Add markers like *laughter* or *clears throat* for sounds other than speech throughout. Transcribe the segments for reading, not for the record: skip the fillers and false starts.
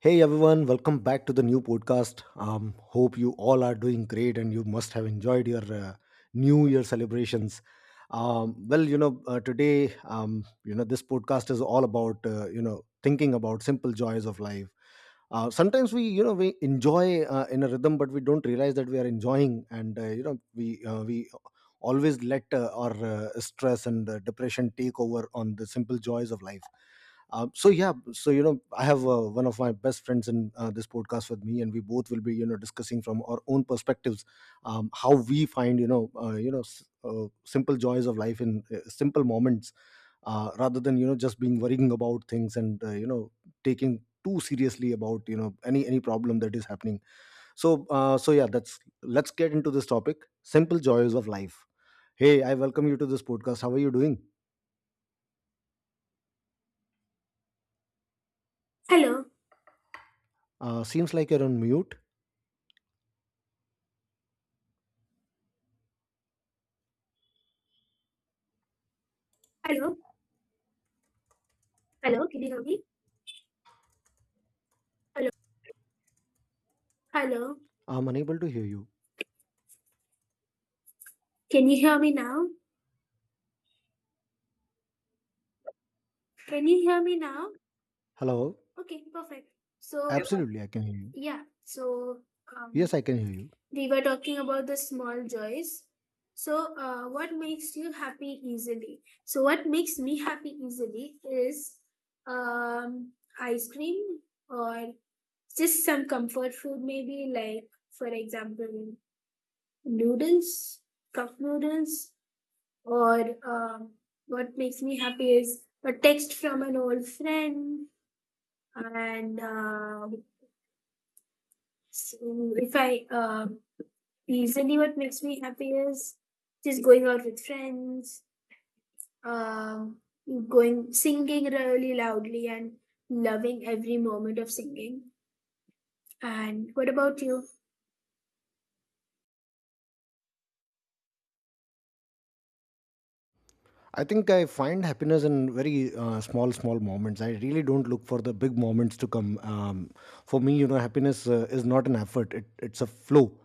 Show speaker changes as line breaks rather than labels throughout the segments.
Hey everyone, welcome back to the new podcast. Hope you all are doing great and you must have enjoyed your New Year celebrations. Well, you know, today, you know, This podcast is all about, thinking about simple joys of life. Sometimes we enjoy in a rhythm, but we don't realize that we are enjoying, and we always let our stress and depression take over on the simple joys of life. So I have one of my best friends in this podcast with me, and we both will be, you know, discussing from our own perspectives how we find, you know, simple joys of life in simple moments, rather than, you know, just being worrying about things, and, you know, taking too seriously about, you know, any problem that is happening. So yeah, that's, let's get into this topic, simple joys of life. Hey, I welcome you to this podcast. How are you doing?
Hello,
Seems like you're on mute.
hello, hello. Can you hear me? Hello, hello.
I'm unable to hear you.
Can you hear me now? Can you hear me now?
Hello.
Okay, perfect. So, yes. uh,
Absolutely, I can hear you.
yeah, so um,
Yes, I can hear you.
we were talking about the small joys. So, what makes you happy easily? So, what makes me happy easily is um, ice cream or just some comfort food, maybe like, for example, noodles, cup noodles, or what makes me happy is a text from an old friend, and s- if I usually what makes me happy is just going out with friends, um, going singing really loudly and loving every moment of singing. And what about you?
I think I find happiness in very small, small moments. I really don't look for the big moments to come. For me, you know, happiness is not an effort; it's a flow.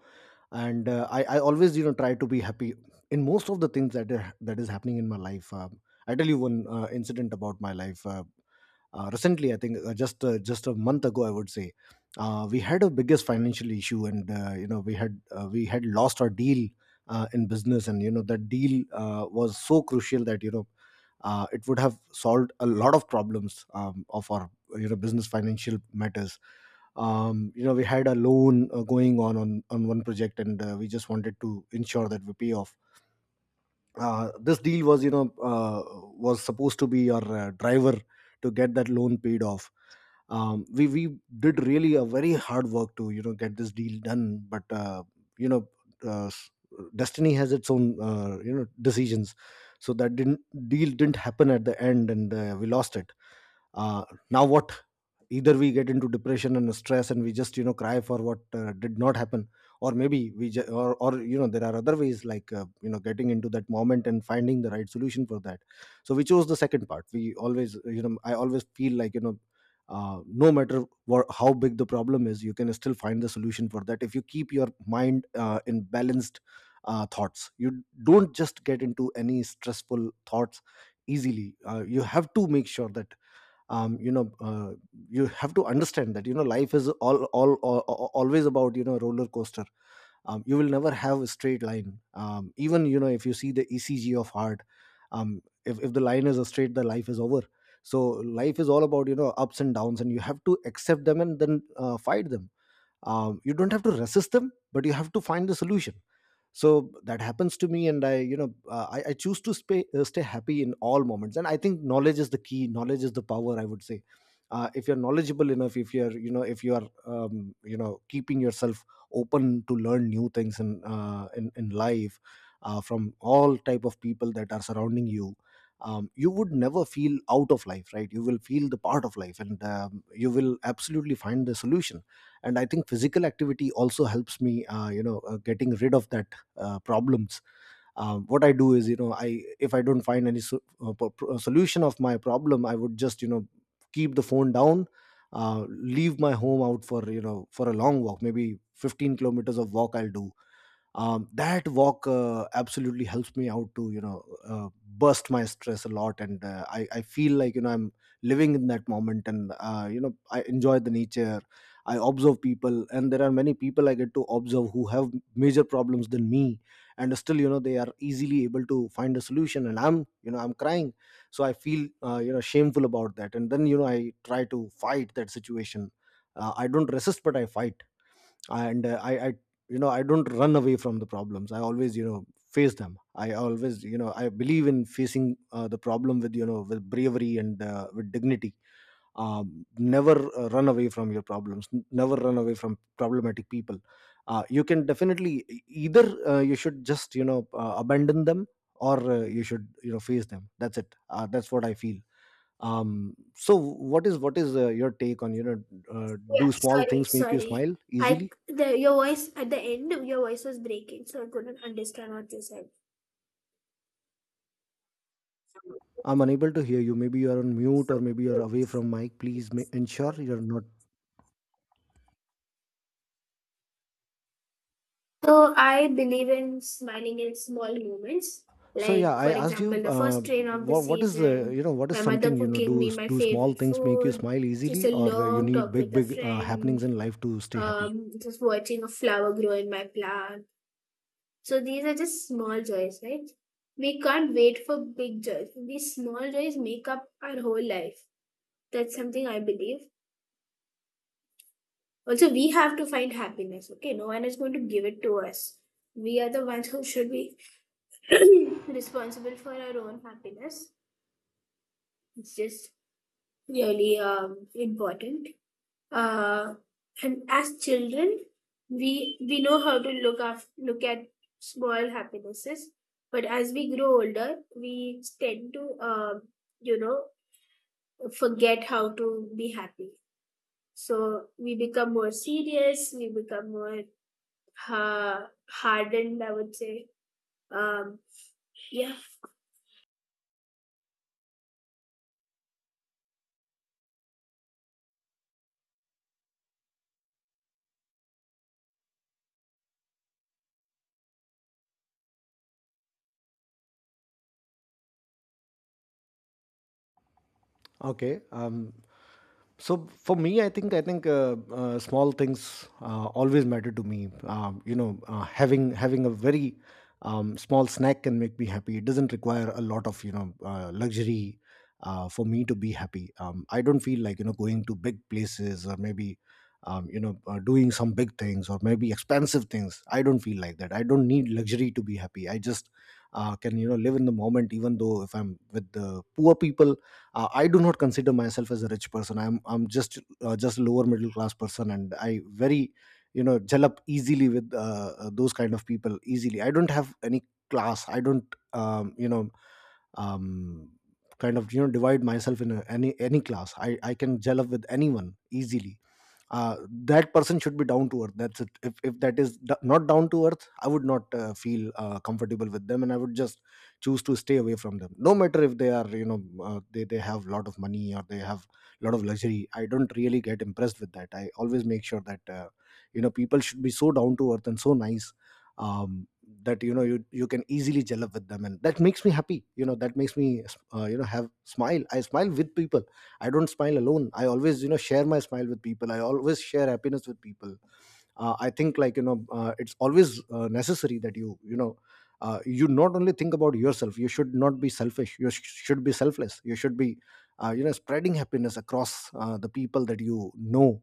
And I always, you know, try to be happy in most of the things that is happening in my life. I tell you one incident about my life. Recently I think, just a month ago, I would say, we had a biggest financial issue, and, you know, we had lost our deal in business. And you know, that deal, was so crucial that, you know, it would have solved a lot of problems of our, you know, business financial matters. You know, we had a loan going on on one project, and we just wanted to ensure that we pay off. This deal was, you know, was supposed to be our driver to get that loan paid off. We did really a very hard work to, you know, get this deal done. But you know uh, s- destiny has its own, you know, decisions. So that didn't deal didn't happen at the end, and we lost it. uh, Now what? Either we get into depression and stress, and we just, you know, cry for what did not happen, or maybe we ju- or you know, there are other ways, like, you know, getting into that moment and finding the right solution for that. So we chose the second part. We always, I always feel like, you know, no matter what, how big the problem is, you can still find the solution for that if you keep your mind in balanced thoughts. You don't just get into any stressful thoughts easily. You have to make sure that, um, you know uh, you have to understand that, you know, life is all always about, you know, roller coaster. You will never have a straight line. Even, you know, if you see the ECG of heart, if the line is a straight, the life is over. So life is all about, you know, ups and downs, and you have to accept them and then fight them. You don't have to resist them, but you have to find the solution. So that happens to me, and I, you know, I choose to stay, stay happy in all moments. And I think knowledge is the key, knowledge is the power, I would say. If you're knowledgeable enough, if you're, you know, if you are, you know, keeping yourself open to learn new things in life, from all type of people that are surrounding you, you would never feel out of life, right? You will feel the part of life, and you will absolutely find the solution. And I think physical activity also helps me getting rid of that problems. What I do is, you know, I, if I don't find any so, solution of my problem, I would just, you know, keep the phone down, leave my home out for, you know, for a long walk, maybe 15 kilometers of walk I'll do. That walk absolutely helps me out to, you know, burst my stress a lot. And I feel like, you know, I'm living in that moment, and you know, I enjoy the nature. I observe people, and there are many people I get to observe who have major problems than me, and still, you know, they are easily able to find a solution, and I'm, you know, I'm crying. So I feel, you know, shameful about that, and then, you know, I try to fight that situation. I don't resist, but I fight. And I you know, I don't run away from the problems. I always, you know, face them. I always, you know, I believe in facing the problem with, you know, with bravery and with dignity. Never run away from your problems. Never run away from problematic people. You can definitely, either you should just, you know, abandon them, or you should, you know, face them. That's it. That's what I feel. So what is your take on, you know,
Yeah,
do small
sorry,
things make you
sorry.
smile
I
easily?
the your voice at the end Your voice was breaking, so I couldn't understand what you said.
I'm unable to hear you. Maybe you are on mute or maybe you're away from mic. Please ensure you're not.
So I believe in smiling in small moments.
So
Like,
yeah, I
for
asked you,
example, the first train of the
what is the,
season,
you know, what is
my mother
something, you know,
cooking
do,
me my
do small
favorite
things make you
food,
smile
just
easily,
a
or you
long
need
talk
big,
with a
big
friend,
happenings in life to stay happy?
just watching a flower grow in my plant. So these are just small joys, right? We can't wait for big joys. These small joys make up our whole life. That's something I believe. Also, we have to find happiness, okay? No one is going to give it to us. We are the ones who should be *clears throat* responsible for our own happiness. It's just really important. Uh, and as children, we know how to look at small happinesses, but as we grow older, we tend to you know forget how to be happy. So we become more serious, we become more hardened, I would say. Um, yeah,
Okay. So for me, I think small things always matter to me. You know, having a very small snack can make me happy. It doesn't require a lot of, you know, luxury for me to be happy. I don't feel like, you know, going to big places, or maybe, doing some big things or maybe expensive things. I don't feel like that. I don't need luxury to be happy. I just can, you know, live in the moment, even though if I'm with the poor people. I do not consider myself as a rich person. I'm just lower middle class person, and I very, you know, gel up easily with those kind of people easily. I don't have any class. I don't um, kind of, you know, divide myself in a, any class. I can gel up with anyone easily. uh, that person should be down to earth. That's it. If that is not down to earth, I would not feel comfortable with them, and I would just choose to stay away from them, no matter if they are, you know, they have a lot of money, or they have a lot of luxury. I don't really get impressed with that. I always make sure that, you know, people should be so down to earth and so nice, um, that, you know, you can easily gel up with them, and that makes me happy. You know, that makes me, you know, have smile. I smile with people. I don't smile alone. I always, you know, share my smile with people. I always share happiness with people. I think, like, you know, it's always necessary that you know, you not only think about yourself. You should not be selfish. You should be selfless. You should be you know, spreading happiness across the people, that, you know,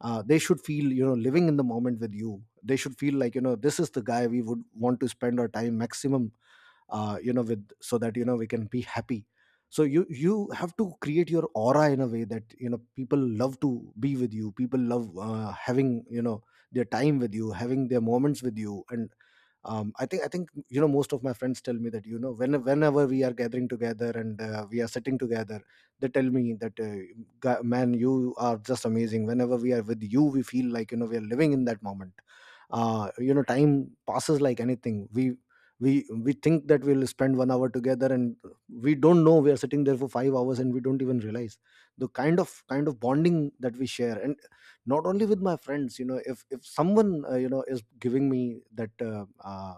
they should feel, you know, living in the moment with you. They should feel like, you know, this is the guy we would want to spend our time maximum you know with, so that, you know, we can be happy. So you have to create your aura in a way that, you know, people love to be with you. People love having, you know, their time with you, having their moments with you. And I think you know, Most of my friends tell me that whenever we are gathering together and we are sitting together, they tell me that "Ga- man, you are just amazing. Whenever we are with you, we feel like we are living in that moment. Time passes like anything. We think that we'll spend 1 hour together, and we don't know we are sitting there for 5 hours, and we don't even realize the kind of bonding that we share. And not only with my friends, if someone is giving me that uh, uh,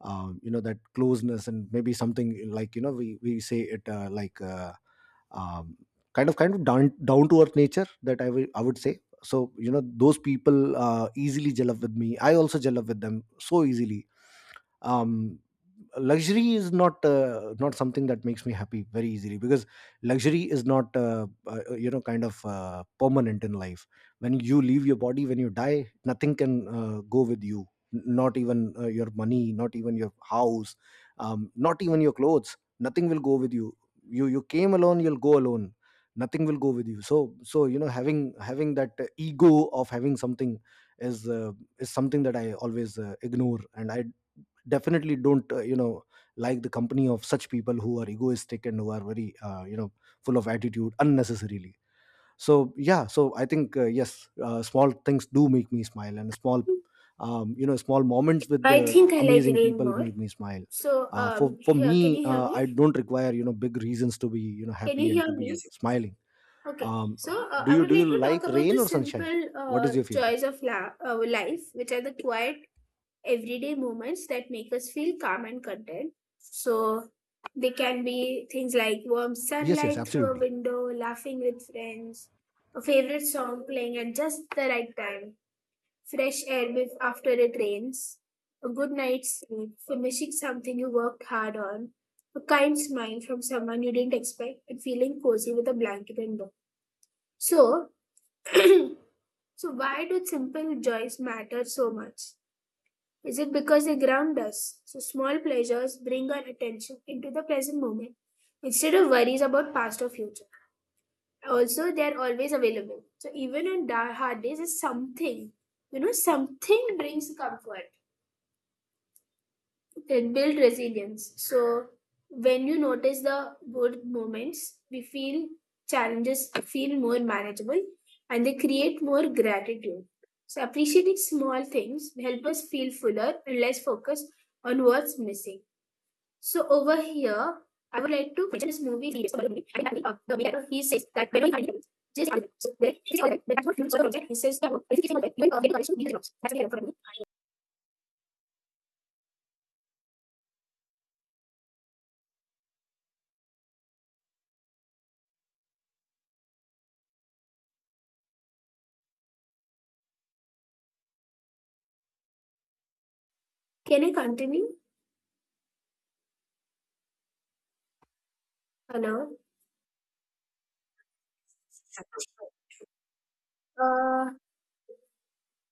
um, you know that closeness and maybe something like we say it um, kind of down to earth nature that I would say. So those people easily gel up with me. I also gel up with them so easily. Um, Luxury is not not something that makes me happy very easily, because luxury is not kind of permanent in life. When you leave your body, when you die, nothing can go with you. Not even your money, not even your house, not even your clothes, nothing will go with you. You came alone, you'll go alone, nothing will go with you. So having that ego of having something is uh, is something that I always ignore, and I definitely don't like the company of such people who are egoistic and who are very full of attitude unnecessarily. So yeah, so I think yes, small things do make me smile, and small you know small moments with
I
the
think I like
amazing
rain
people
more.
make me smile.
So,
For
here, can
me,
you hear
I
me?
don't require, big reasons to be,
Can you
happy and
hear
to
me? Yes.
be smiling.
Okay,
um,
so
do
I
you
would
do you
like to talk
like
about
rain
the
or sunshine?
simple
What is your favorite?
joys of life, which are the quiet everyday moments that make us feel calm and content. So they can be things like warm
Yes, yes,
sunlight through a
absolutely.
window, laughing with friends, a favorite song playing at just the right time, fresh air after it rains, a good night's sleep, finishing something you worked hard on, a kind smile from someone you didn't expect, and feeling cozy with a blanket and book. So, *clears throat* so why do simple joys matter so much? Is it because they ground us? So small pleasures bring our attention into the present moment instead of worries about past or future. Also, they are always available. So even on hard days, it's something, something brings comfort. It builds resilience. So when you notice the good moments, we feel challenges feel more manageable and they create more gratitude. So appreciating small things help us feel fuller and less focused on what's missing. So over here, I would like to mention this movie series about the movie. I think, the main character, he says that whenever he finds himself, just ask him. So he's all right, but that's what fuels all the project. He says that, "Oh, if you keep on get the knowledge to be jobs." That's what he had for me. Can I continue? Hello. Uh,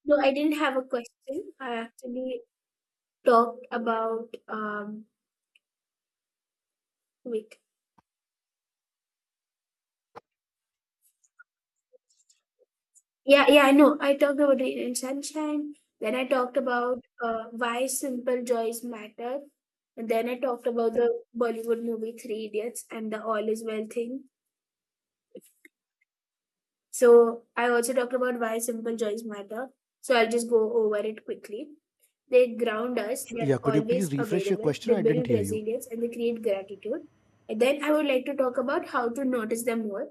No, I didn't have a question. I actually talked about wait. Yeah, yeah, I know. I talked about rain and sunshine. Then I talked about why simple joys matter. And then I talked about the Bollywood movie Three Idiots and the All Is Well thing. So I also talked about why simple joys matter. So I'll just go over it quickly. They ground us, they are
Yeah, could you please
always
refresh your
available,
question?
they
I didn't
build
hear you.
resilience, and they create gratitude. And then I would like to talk about how to notice them more.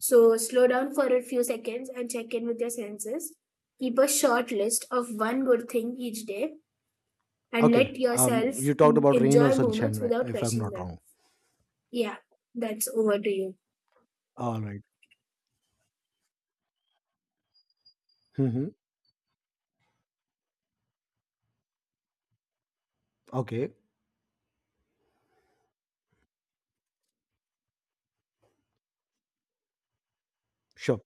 So slow down for a few seconds and check in with your senses. Keep a short list of one good thing each day and
Okay.
let yourself
You talked about rain or
enjoy
sunshine,
moments
right?
without
If I'm
rushing
not
them.
wrong.
Yeah, that's over to you.
All right. Mm-hmm. Okay. Sure.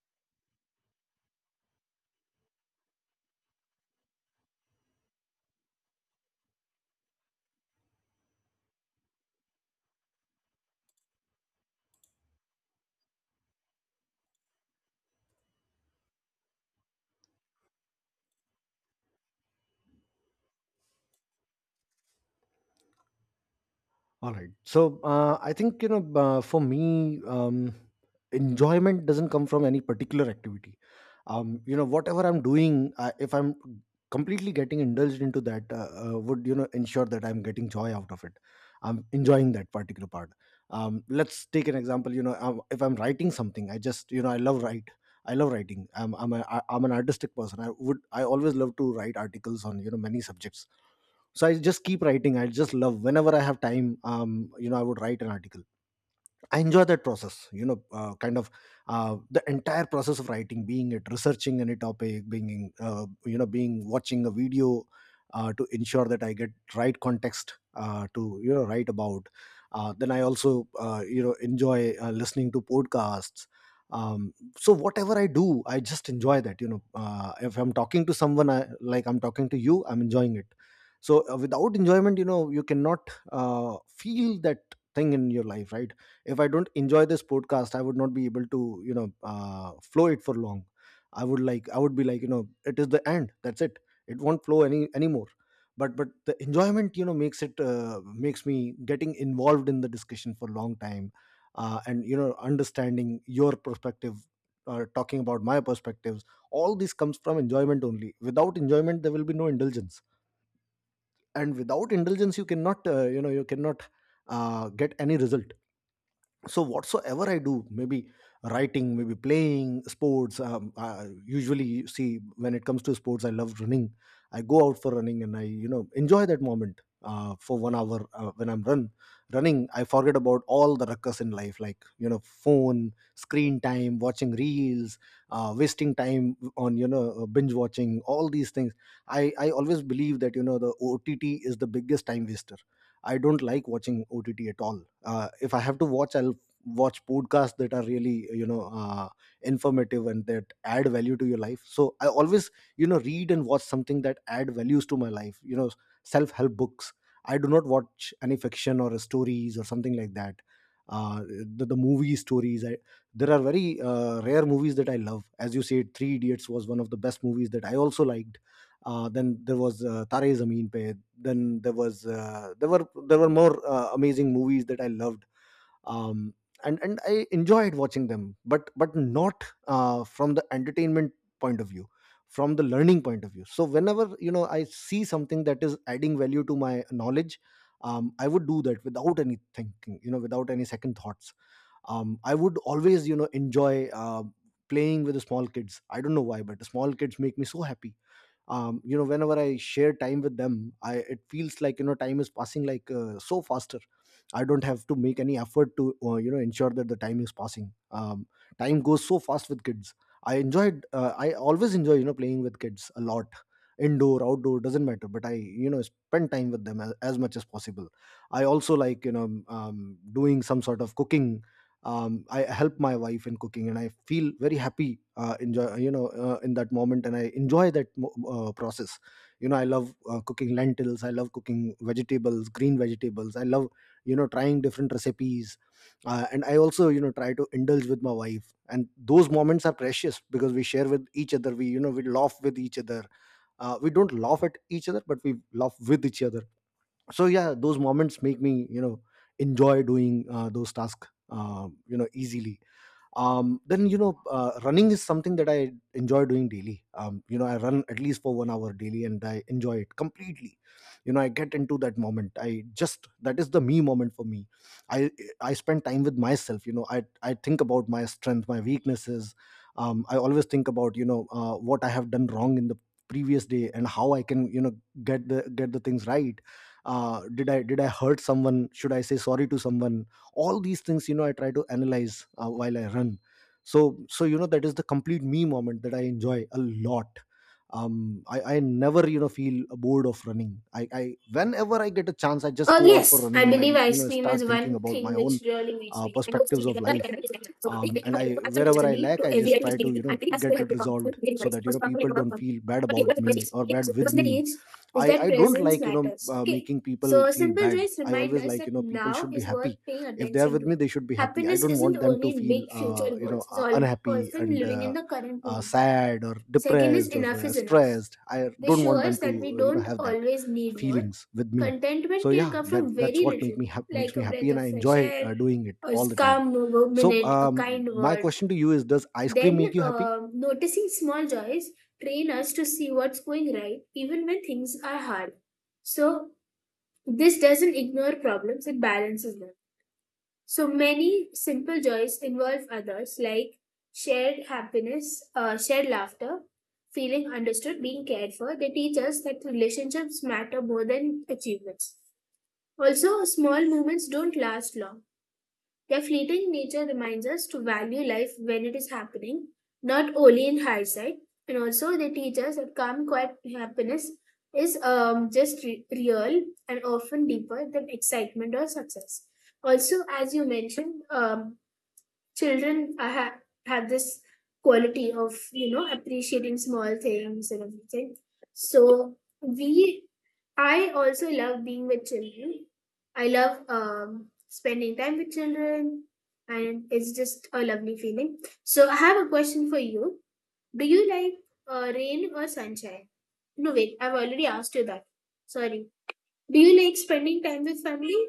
All right. So I think for me, enjoyment doesn't come from any particular activity. Whatever I'm doing, if I'm completely getting indulged into that, would, ensure that I'm getting joy out of it. I'm enjoying that particular part. Let's take an example. If I'm writing something, I just, I love write. I love writing. I'm an artistic person. I always love to write articles on, many subjects, so I just keep writing. I just love, whenever I have time, I would write an article. I enjoy that process, kind of the entire process of writing, being it researching any topic, being, being watching a video to ensure that I get right context to, write about. Then I also, enjoy listening to podcasts. So whatever I do, I just enjoy that. If I'm talking to someone, like I'm talking to you, I'm enjoying it. So without enjoyment, you cannot feel that thing in your life, right? If I don't enjoy this podcast, I would not be able to, flow it for long. I would, I would be like, it is the end, that's it. It won't flow anymore. But the enjoyment, makes it makes me getting involved in the discussion for a long time, and understanding your perspective, talking about my perspectives. All this comes from enjoyment only. Without enjoyment, there will be no indulgence, and without indulgence, you cannot, you cannot get any result. So whatsoever I do, maybe writing, maybe playing sports. I usually, you see, when it comes to sports, I love running. I go out for running, and I, enjoy that moment for 1 hour when I'm running. I forget about all the ruckus in life, like, phone screen time, watching reels, wasting time on, binge watching all these things. I always believe that, the OTT is the biggest time waster. I don't like watching OTT at all. If I have to watch, I'll watch podcasts that are really, informative, and that add value to your life. So I always, read and watch something that add values to my life, self help books. I do not watch any fiction or stories or something like that. uh, the movie stories, there are very rare movies that I love. As you said, Three Idiots was one of the best movies that I also liked. Then there was Tare Zameen Pe. Then there was there were more amazing movies that I loved, um, and I enjoyed watching them, but not from the entertainment point of view, from the learning point of view. So whenever, I see something that is adding value to my knowledge, I would do that without any thinking, without any second thoughts. I would always, enjoy. Playing with the small kids, I don't know why, but the small kids make me so happy. Whenever I share time with them, I it feels like, time is passing so faster. I don't have to make any effort to, ensure that the time is passing. Time goes so fast with kids. I always enjoy, playing with kids a lot. Indoor, outdoor doesn't matter, but I, spend time with them as much as possible. I also like, doing some sort of cooking. I help my wife in cooking and I feel very happy, enjoy, in that moment, and I enjoy that process. I love cooking lentils, I love cooking vegetables, green vegetables, I love, trying different recipes, and I also, try to indulge with my wife, and those moments are precious, because we share with each other, we you know we laugh with each other. We don't laugh at each other, but we laugh with each other. So yeah, those moments make me, enjoy doing those tasks, easily. Then, running is something that I enjoy doing daily. I run at least for 1 hour daily, and I enjoy it completely. I get into that moment. I just That is the me moment for me. i I spend time with myself. I think about my strength, my weaknesses. I always think about, what I have done wrong in the previous day, and how I can, get the things right. Did I hurt someone? Should I say sorry to someone? All these things, I try to analyze while I run. So that is the complete me moment that I enjoy a lot. I never, feel bored of running. I whenever I get a chance, I just
Oh
go out for
yes, I
running, and I,
believe ice cream
start
is
thinking
one
about my
thing
own
which really makes me. I also
perspectives
think
of
that I
life.
can make it. So, I think I can
And I,
actually
wherever I
just
lack,
to
I
every
just try to,
activity. I think that's where
get
I
it
become
resolved,
very
so
nice.
that,
First, I'm going
people
to work
don't
on.
feel bad
Okay,
about
what's the first
me
is?
or
Okay,
bad
so, the
with
first thing
me.
is
i
that
i don't
presence
like,
matters. Okay,
making people
so
feel
simple
bad.
joys
I
remind
always
us
like,
that
people
now
should be
is worth
happy.
paying
If they are
attention
with me,
to.
they should be happy. I
Happiness
don't
isn't
want them to
only
feel
big future goals; it's all
unhappy,
often
and
living in the current moment.
sad or
Second is
depressed or
enough is enough.
stressed. I
They
don't
show
want them
us
to,
that we don't
have that
always need more.
feelings with me. So
Contentment can
yeah,
come
that
from
that's
very
what make
little,
me hap makes
like
me
a
happy,
breath
and I
of fresh
enjoy
air,
doing it
a
all the time.
calm
So
minute, a kind
my
word.
question to you is, does ice cream make
Then,
you happy?
noticing small joys train us to see what's going right, even when things are hard. So, this doesn't ignore problems, it balances them. So many simple joys involve others, like shared happiness, shared laughter, feeling understood, being cared for. They teach us that relationships matter more than achievements. Also, small moments don't last long. Their fleeting nature reminds us to value life when it is happening, not only in hindsight. And also, they teach us that calm, quiet happiness is just real and often deeper than excitement or success. Also, as you mentioned, children I have this quality of appreciating small things and everything. So we i also love being with children. I love spending time with children, and it's just a lovely feeling. So I have a question for you. Do you like rain or sunshine? No, wait, I've already asked you that. Sorry. Do you like spending time with family?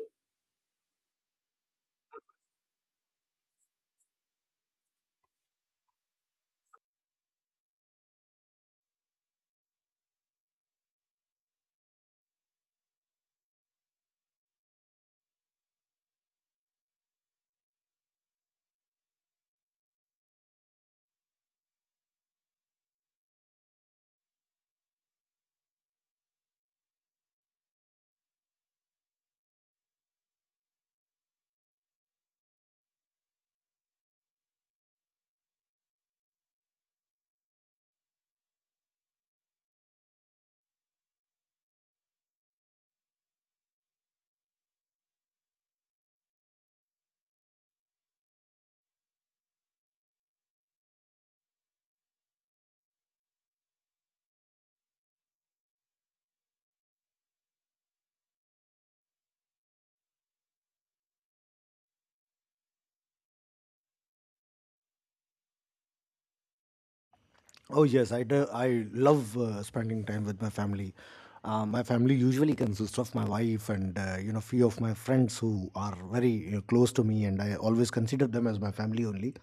Oh yes, I do. I love spending time with my family. My family usually consists of my wife and few of my friends who are very, close to me, and I always consider them as my family only.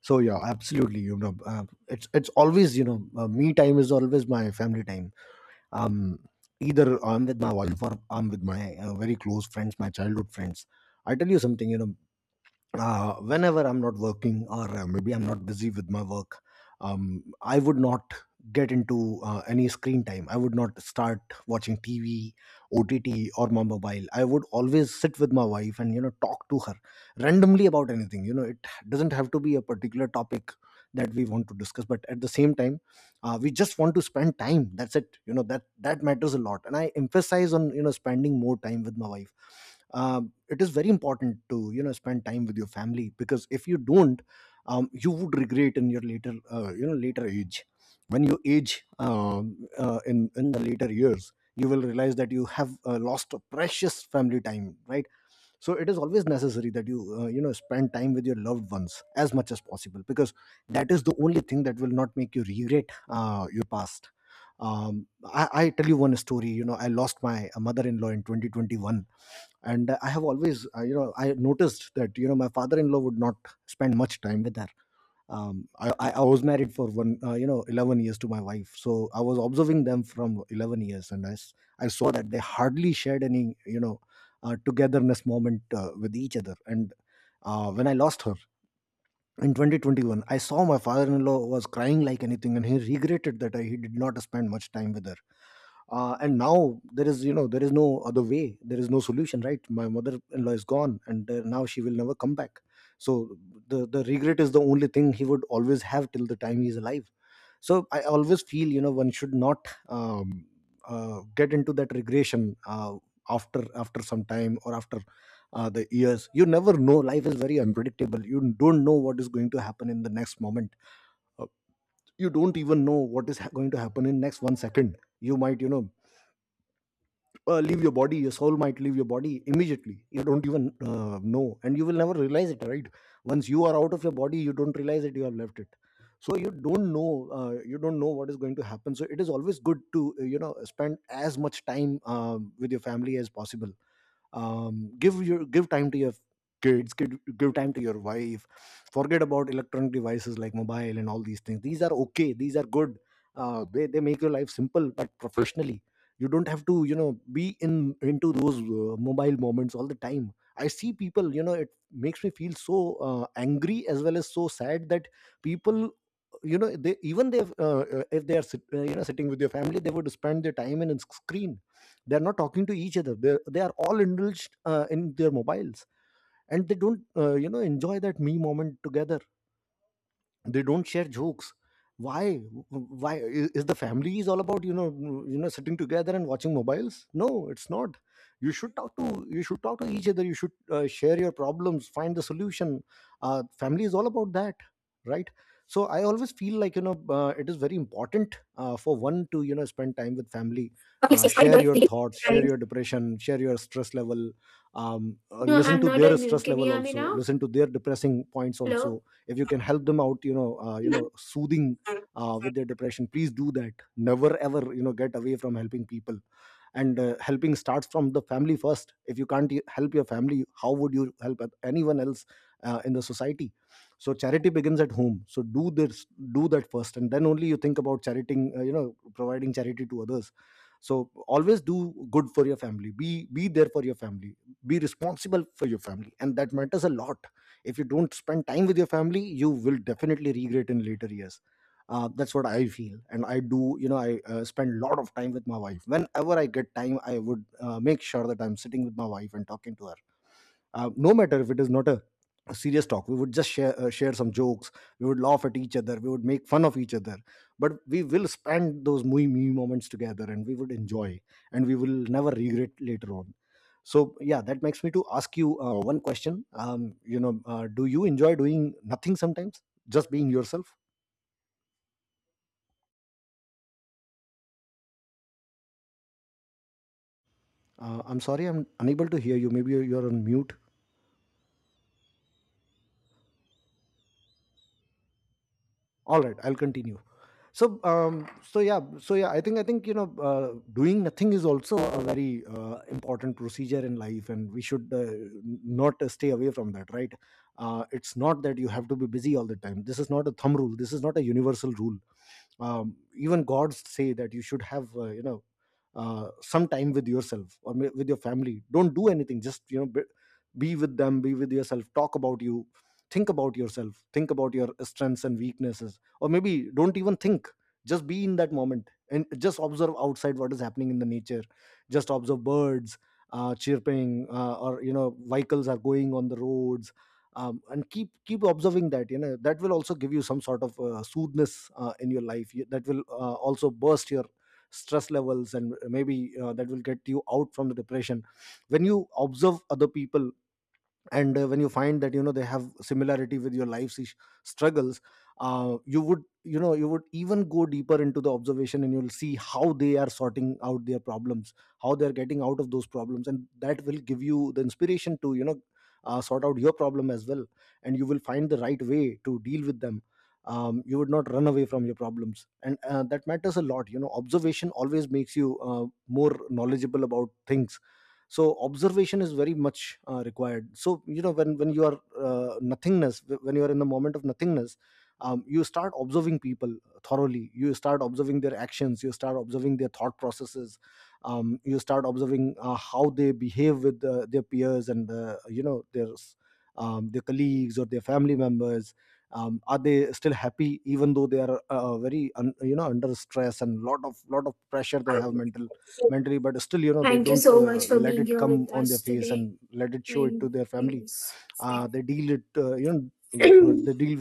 So yeah, absolutely. It's always me time is always my family time. Um, Either I'm with my wife or I'm with my very close friends, my childhood friends. I tell you something. Whenever I'm not working or maybe I'm not busy with my work, I would not get into any screen time. I would not start watching TV, OTT, or my mobile. I would always sit with my wife and talk to her randomly about anything. You know, it doesn't have to be a particular topic that we want to discuss, but at the same time, we just want to spend time. That's it. You know that matters a lot, and I emphasize on spending more time with my wife Uh, it is very important to spend time with your family, because if you don't, you would regret in your later, later age. When you age, in the later years, you will realize that you have lost a precious family time, right? So it is always necessary that you you know spend time with your loved ones as much as possible, because that is the only thing that will not make you regret your past. I tell you one story. You know, I lost my mother-in-law in 2021, and I have always I noticed that my father-in-law would not spend much time with her. I was married for one, 11 years to my wife. So I was observing them from 11 years, and I saw that they hardly shared any, togetherness moment with each other. And when I lost her, in 2021, I saw my father-in-law was crying like anything, and he regretted that he did not spend much time with her. And now there is, there is no other way, there is no solution, right? My mother-in-law is gone, and now she will never come back. So the regret is the only thing he would always have till the time he is alive. So I always feel, one should not get into that regression after some time, or after the years. You never know, life is very unpredictable. You don't know what is going to happen in the next moment Uh, you don't even know what is going to happen in next one second. You might, you know, leave your body. Your soul might leave your body immediately, you don't even know, and you will never realize it, right? Once you are out of your body, you don't realize that you have left it. So you don't know, you don't know what is going to happen. So it is always good to spend as much time, with your family as possible. Give your, give time to your kids, give time to your wife. Forget about electronic devices like mobile and all these things. These are okay, these are good. They make your life simple, but professionally you don't have to, you know, be in into those mobile moments all the time. I see people, you know, it makes me feel so angry as well as so sad that people, you know, they even they, if they are sitting with your family, they would spend their time in a screen. They're not talking to each other, they are all indulged in their mobiles, and they don't, enjoy that me moment together. They don't share jokes. Why? Why is the family is all about, you know, you know sitting together and watching mobiles? No, it's not. You should talk to, you should talk to each other. You should, share your problems, find the solution. Family is all about that, right? So I always feel like, you know, it is very important, for one to, you know, spend time with family.
Oh, yes, yes, I
Share
do.
your thoughts, share
I-
your depression, share your stress level.
no
Listen
I'm
to
not
their
on mute.
stress
Can you
level
hear me
also,
now?
listen to their depressing points also.
Hello.
If you can help them out, you know, soothing, with their depression, please do that. Never ever, you know, get away from helping people. And helping starts from the family first. If you can't help your family, how would you help anyone else in the society? So charity begins at home. So do this, do that first, and then only you think about chariting, providing charity to others. So always do good for your family. Be there for your family, be responsible for your family, and that matters a lot. If you don't spend time with your family, you will definitely regret in later years. That's what I feel, and I do. You know, I spend a lot of time with my wife. Whenever I get time, I would make sure that I'm sitting with my wife and talking to her. No matter if it is not a serious talk, we would just share some jokes. We would laugh at each other, we would make fun of each other, but we will spend those me moments together, and we would enjoy, and we will never regret later on. So yeah, that makes me to ask you one question. Do you enjoy doing nothing sometimes, just being yourself? I'm sorry, I'm unable to hear you. Maybe you're on mute. All right, I'll continue. So yeah, I think, you know, doing nothing is also a very important procedure in life, and we should, not stay away from that, right? It's not that you have to be busy all the time. This is not a thumb rule, this is not a universal rule. Even gods say that you should have, some time with yourself, or with your family. Don't do anything, just, you know, be with them, be with yourself, talk about you, think about yourself, think about your strengths and weaknesses, or maybe don't even think. Just be in that moment, and just observe outside what is happening in the nature. Just observe birds chirping, or you know, vehicles are going on the roads. And keep observing that, you know, that will also give you some sort of soothness in your life. That will, also burst your stress levels, and maybe that will get you out from the depression. When you observe other people, and when you find that, you know, they have similarity with your life's struggles, you would, you know, you would even go deeper into the observation, and you'll see how they are sorting out their problems, how they're getting out of those problems, and that will give you the inspiration to, you know, sort out your problem as well, and you will find the right way to deal with them. You would not run away from your problems, and that matters a lot. You know, observation always makes you more knowledgeable about things. So observation is very much required. So you know, when you are nothingness, when you are in the moment of nothingness, you start observing people thoroughly. You start observing their actions, you start observing their thought processes, you start observing how they behave with their peers, and their their colleagues or their family members. Are they still happy even though they are, very un, you know under stress and lot of pressure they have mental, mentally? But still, you know, they
Thank you
don't,
so much for
let
being
it
here
come
with
on their
us
face,
today.
and let it show it to
And
their
*clears throat*
family.
yes.
They deal it, they deal